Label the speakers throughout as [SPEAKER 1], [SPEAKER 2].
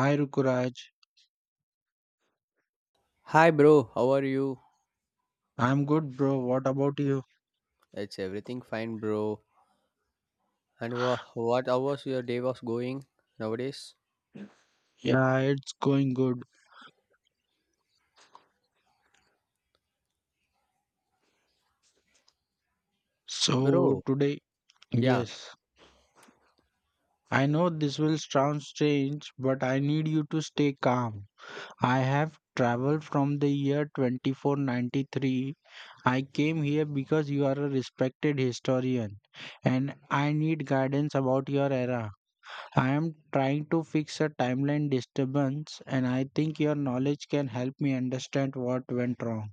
[SPEAKER 1] Hi Rukuraj,
[SPEAKER 2] Hi bro, how are you?
[SPEAKER 1] I'm good, bro. What about you?
[SPEAKER 2] It's everything fine bro. And what hours your day was going nowadays?
[SPEAKER 1] Yeah, it's going good. So
[SPEAKER 2] Bro,
[SPEAKER 1] today,
[SPEAKER 2] yeah,
[SPEAKER 1] yes, I know this will sound strange, but I need you to stay calm. I have traveled from the year 2493. I came here because you are a respected historian and I need guidance about your era. I am trying to fix a timeline disturbance and I think your knowledge can help me understand what went wrong.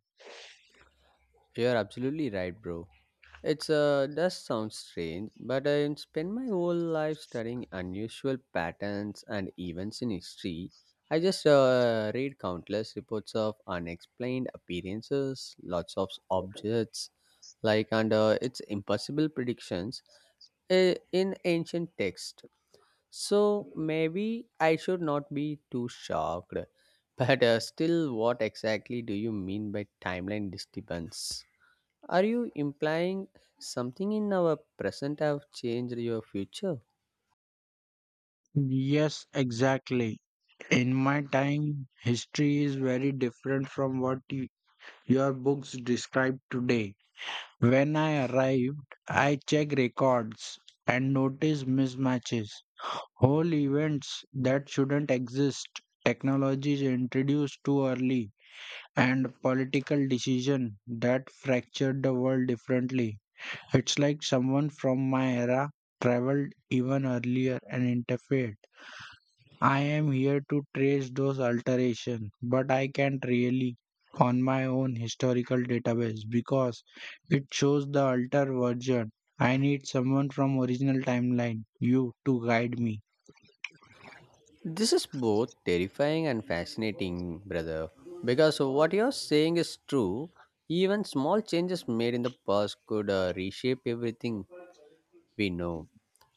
[SPEAKER 2] you're absolutely right bro. It's does sound strange, but I spent my whole life studying unusual patterns and events in history. I just read countless reports of unexplained appearances, lots of objects, like and it's impossible predictions in ancient texts. So maybe I should not be too shocked. But still, what exactly do you mean by timeline disturbance? Are you implying something in our present have changed your future?
[SPEAKER 1] Yes, exactly. In my time, history is very different from what your books describe today. When I arrived, I checked records and noticed mismatches, whole events that shouldn't exist, technologies introduced too early, and political decision that fractured the world differently. It's like someone from my era traveled even earlier and interfered. I am here to trace those alterations, but I can't really on my own historical database because it shows the altered version. I need someone from original timeline, you, to guide me.
[SPEAKER 2] This is both terrifying and fascinating, brother. Because what you're saying is true. Even small changes made in the past could reshape everything we know.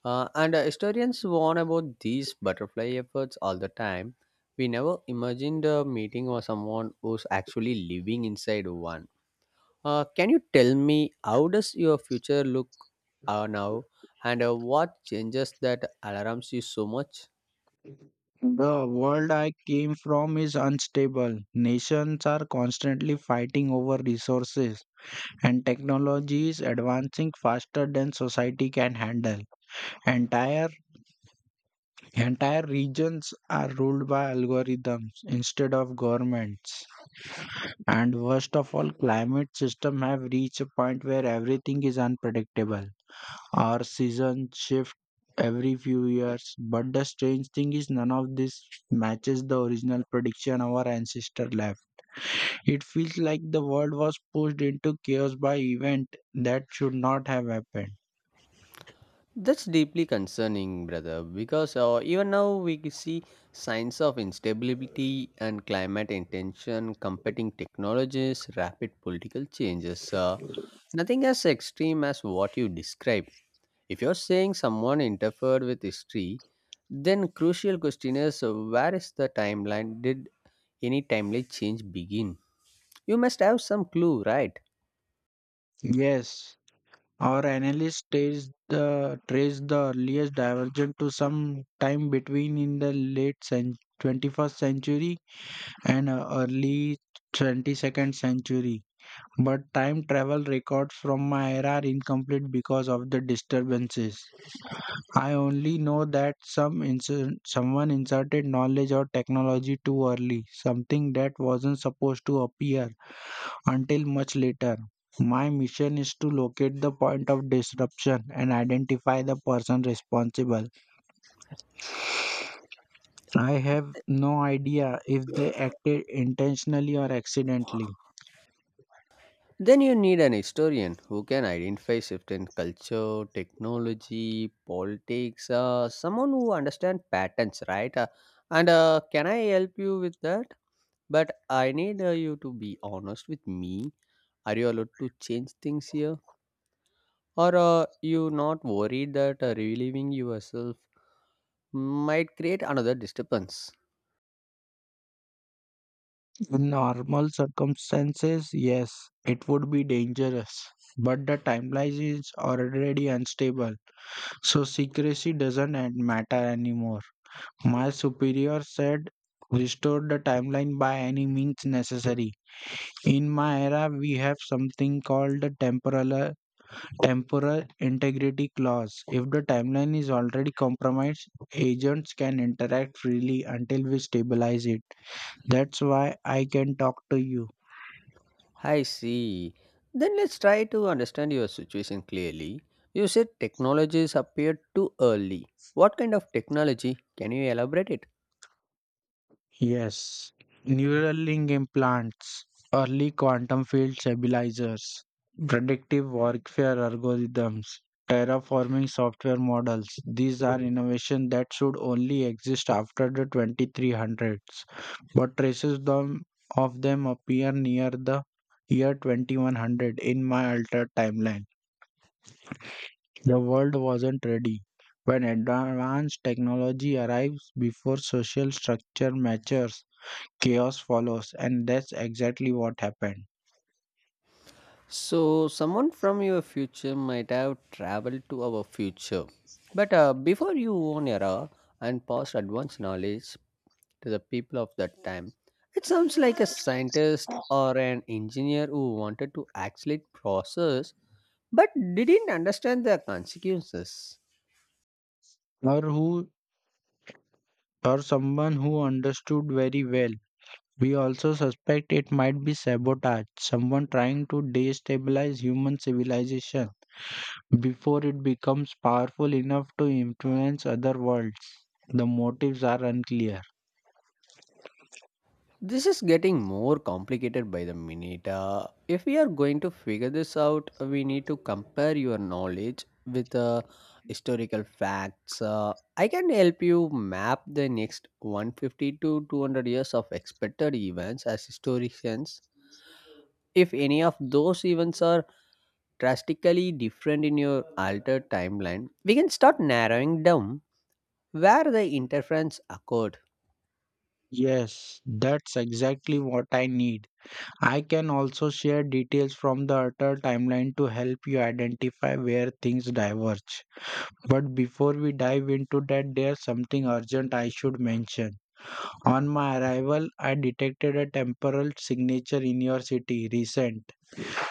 [SPEAKER 2] And Historians warn about these butterfly efforts all the time. We never imagined a meeting or someone who's actually living inside one. Can you tell me how does your future look now, and what changes that alarms you so much?
[SPEAKER 1] The world I came from is unstable. Nations are constantly fighting over resources, and technology is advancing faster than society can handle. Entire Entire regions are ruled by algorithms instead of governments. And worst of all, climate systems have reached a point where everything is unpredictable. Our seasons shift every few years. But the strange thing is none of this matches the original prediction our ancestors left. It feels like the world was pushed into chaos by event that should not have happened.
[SPEAKER 2] That's deeply concerning, brother, because even now we can see signs of instability and climate intention, competing technologies, rapid political changes. Nothing as extreme as what you described. If you're saying someone interfered with history, then crucial question is where is the timeline? Did any timely change begin? You must have some clue, right?
[SPEAKER 1] Yes, our analysis trace the earliest divergence to some time between in the 21st century and early 22nd century. But time travel records from my era are incomplete because of the disturbances. I only know that someone inserted knowledge or technology too early, something that wasn't supposed to appear until much later. My mission is to locate the point of disruption and identify the person responsible. I have no idea if they acted intentionally or accidentally.
[SPEAKER 2] Then you need an historian who can identify shift in culture, technology, politics, someone who understands patterns, right? And Can I help you with that? But I need you to be honest with me. Are you allowed to change things here? Or you not worried that relieving yourself might create another disturbance?
[SPEAKER 1] In normal circumstances, yes, it would be dangerous, but the timeline is already unstable, so secrecy doesn't matter anymore. My superior said restore the timeline by any means necessary. In my era, we have something called the temporal integrity clause. If the timeline is already compromised, agents can interact freely until we stabilize it. That's why I can talk to you.
[SPEAKER 2] I see. Then let's try to understand your situation clearly. You said technologies appeared too early. What kind of technology? Can you elaborate it?
[SPEAKER 1] Yes. Neuralink implants, early quantum field stabilizers, predictive warfare algorithms, terraforming software models. These are innovations that should only exist after the 2300s, but of them appear near the year 2100 in my altered timeline. The world wasn't ready. When advanced technology arrives before social structure matures, chaos follows, and that's exactly what happened.
[SPEAKER 2] So, someone from your future might have traveled to our future. But before you own era and pass advanced knowledge to the people of that time, it sounds like a scientist or an engineer who wanted to accelerate process but didn't understand the consequences.
[SPEAKER 1] Or who or someone who understood very well. We also suspect it might be sabotage, someone trying to destabilize human civilization before it becomes powerful enough to influence other worlds. The motives are unclear.
[SPEAKER 2] This is getting more complicated by the minute. If we are going to figure this out, we need to compare your knowledge with historical facts. I can help you map the next 150 to 200 years of expected events as historians. If any of those events are drastically different in your altered timeline, we can start narrowing down where the interference occurred.
[SPEAKER 1] Yes, that's exactly what I need. I can also share details from the Utter timeline to help you identify where things diverge. But before we dive into that, there's something urgent I should mention. On my arrival, I detected a temporal signature in your city, recent.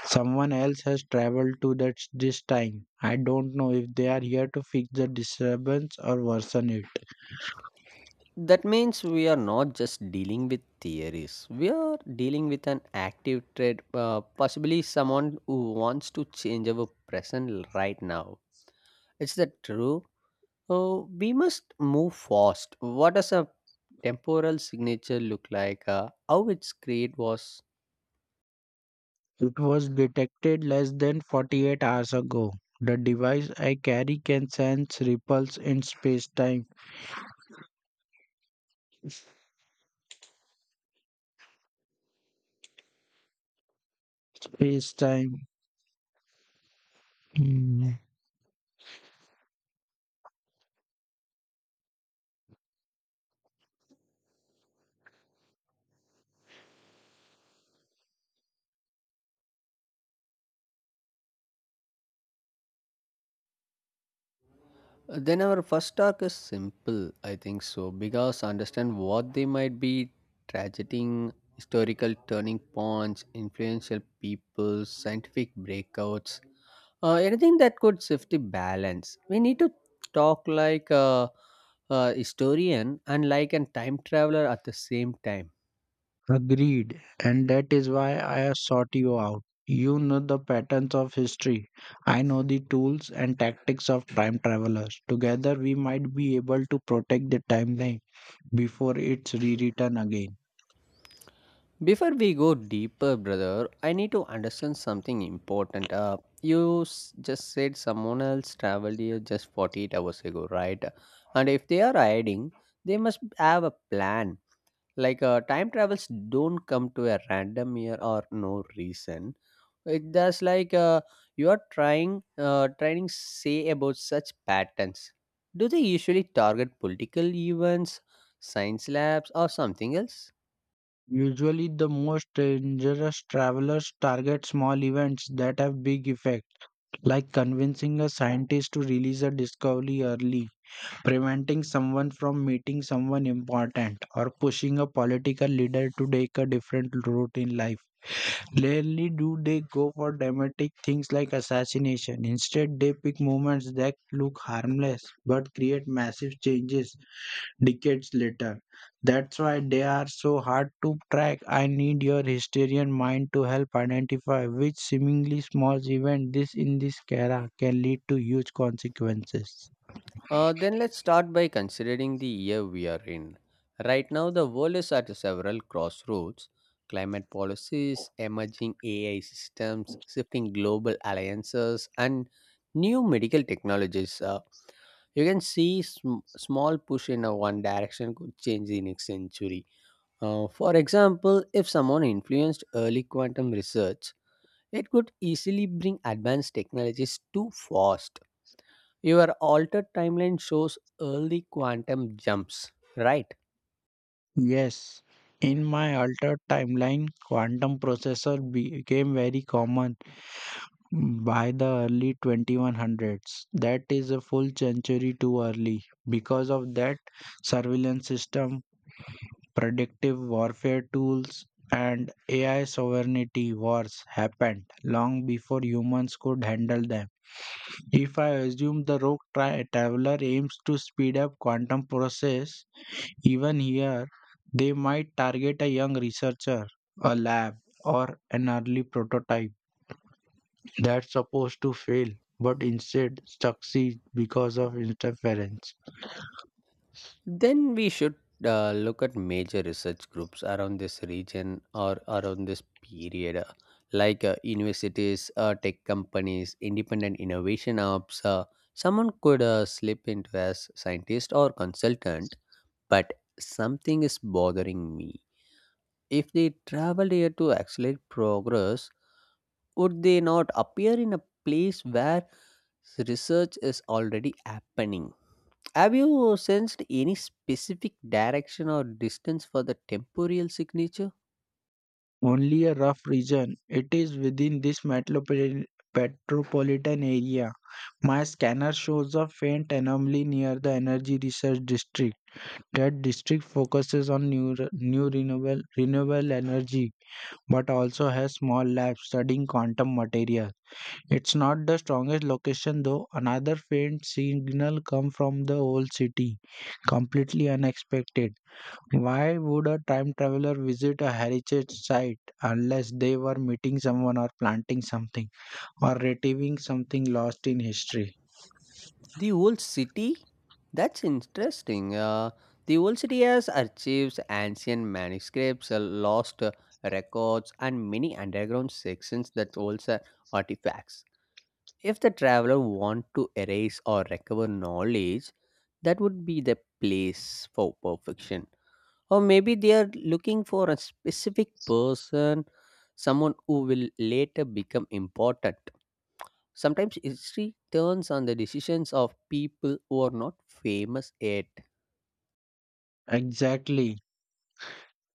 [SPEAKER 1] Someone else has traveled to that this time. I don't know if they are here to fix the disturbance or worsen it.
[SPEAKER 2] That means we are not just dealing with theories. We are dealing with an active trade, possibly someone who wants to change our present right now. Is that true? Oh, we must move fast. What does a temporal signature look like? How its create was.
[SPEAKER 1] It was detected less than 48 hours ago. The device I carry can sense ripples in space-time. Hmm,
[SPEAKER 2] Then our first arc is simple, I think so, because understand what they might be tragedy, historical turning points, influential people, scientific breakouts, anything that could shift the balance. We need to talk like a historian and like a time traveler at the same time.
[SPEAKER 1] Agreed. And that is why I have sought you out. You know the patterns of history. I know the tools and tactics of time travelers. Together, we might be able to protect the timeline before it's rewritten again.
[SPEAKER 2] Before we go deeper, brother, I need to understand something important. You just said someone else traveled here just 48 hours ago, right? And if they are hiding, they must have a plan. Like time travels don't come to a random year or no reason. It does like you are trying say about such patterns. Do they usually target political events, science labs, or something else?
[SPEAKER 1] Usually, the most dangerous travelers target small events that have big effect, like convincing a scientist to release a discovery early, preventing someone from meeting someone important, or pushing a political leader to take a different route in life. Rarely do they go for dramatic things like assassination. Instead, they pick moments that look harmless but create massive changes decades later. That's why they are so hard to track. I need your historian mind to help identify which seemingly small event this in this era can lead to huge consequences.
[SPEAKER 2] Then let's start by considering the year we are in. Right now, the world is at several crossroads. Climate policies, emerging AI systems, shifting global alliances, and new medical technologies. You can see small push in a one direction could change the next century. For example, if someone influenced early quantum research, it could easily bring advanced technologies too fast. Your altered timeline shows early quantum jumps, right?
[SPEAKER 1] Yes, in my altered timeline, quantum processor became very common by the early 2100s. That is a full century too early. Because of that, surveillance system, predictive warfare tools, and AI sovereignty wars happened long before humans could handle them. If I assume the traveler aims to speed up quantum process, even here they might target a young researcher, a lab, or an early prototype that's supposed to fail but instead succeed because of interference.
[SPEAKER 2] Then we should look at major research groups around this region or around this period, universities, tech companies, independent innovation hubs. Someone could slip into as scientist or consultant, but something is bothering me. If they traveled here to accelerate progress, would they not appear in a place where. So, research is already happening. Have you sensed any specific direction or distance for the temporal signature?
[SPEAKER 1] Only a rough region. It is within this metropolitan area. My scanner shows a faint anomaly near the energy research district. That district focuses on new renewable energy but also has small labs studying quantum materials. It's not the strongest location though. Another faint signal comes from the old city, completely unexpected. Why would a time traveler visit a heritage site unless they were meeting someone or planting something or retrieving something lost in history?
[SPEAKER 2] The old city? That's interesting. The old city has archives, ancient manuscripts, lost records, and many underground sections that holds artifacts. If the traveler want to erase or recover knowledge, that would be the place for perfection. Or maybe they are looking for a specific person, someone who will later become important. Sometimes history turns on the decisions of people who are not famous yet.
[SPEAKER 1] Exactly.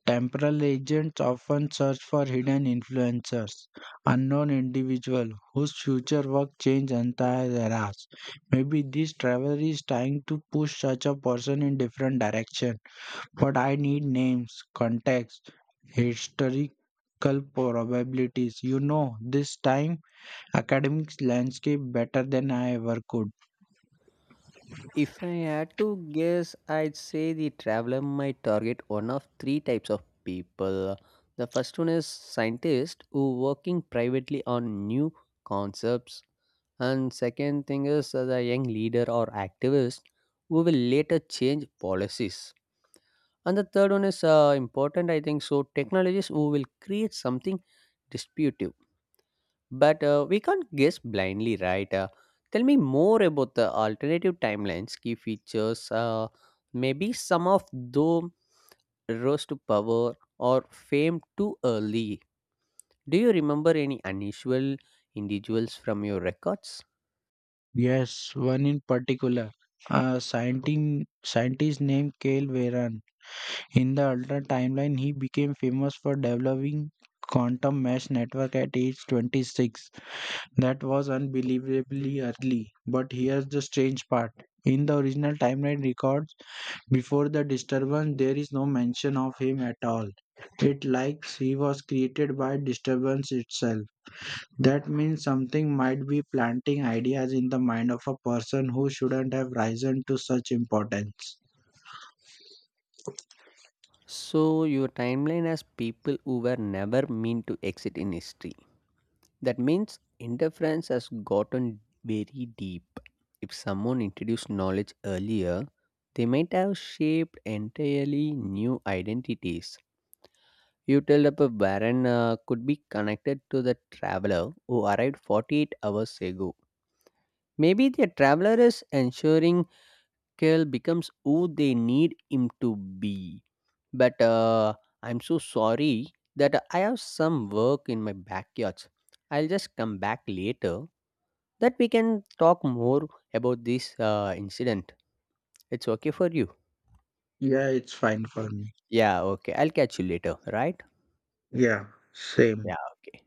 [SPEAKER 1] Temporal agents often search for hidden influencers, unknown individuals whose future work changed entire eras. Maybe this travel is trying to push such a person in different direction. But I need names, context, historical probabilities. You know, this time academic landscape better than I ever could.
[SPEAKER 2] If I had to guess, I'd say the traveler might target one of three types of people. The first one is scientists who working privately on new concepts. And second thing is the young leader or activist who will later change policies. And the third one is important, I think. So, technologies who will create something disputive, but we can't guess blindly, right? Tell me more about the alternative timelines, key features, maybe some of them rose to power or fame too early. Do you remember any unusual individuals from your records?
[SPEAKER 1] Yes, one in particular. A scientist named Kale Veron. In the alternate timeline, he became famous for developing quantum mesh network at age 26. That was unbelievably early. But here's the strange part. In the original timeline records, before the disturbance, there is no mention of him at all. It likes he was created by disturbance itself. That means something might be planting ideas in the mind of a person who shouldn't have risen to such importance.
[SPEAKER 2] So, your timeline has people who were never meant to exit in history. That means interference has gotten very deep. If someone introduced knowledge earlier, they might have shaped entirely new identities. You tell up a baron could be connected to the traveler who arrived 48 hours ago. Maybe the traveler is ensuring Kel becomes who they need him to be. But I'm so sorry that I have some work in my backyard. I'll just come back later that we can talk more about this incident. It's okay for you?
[SPEAKER 1] Yeah, it's fine for me.
[SPEAKER 2] Yeah, okay. I'll catch you later, right?
[SPEAKER 1] Yeah, same.
[SPEAKER 2] Yeah, okay.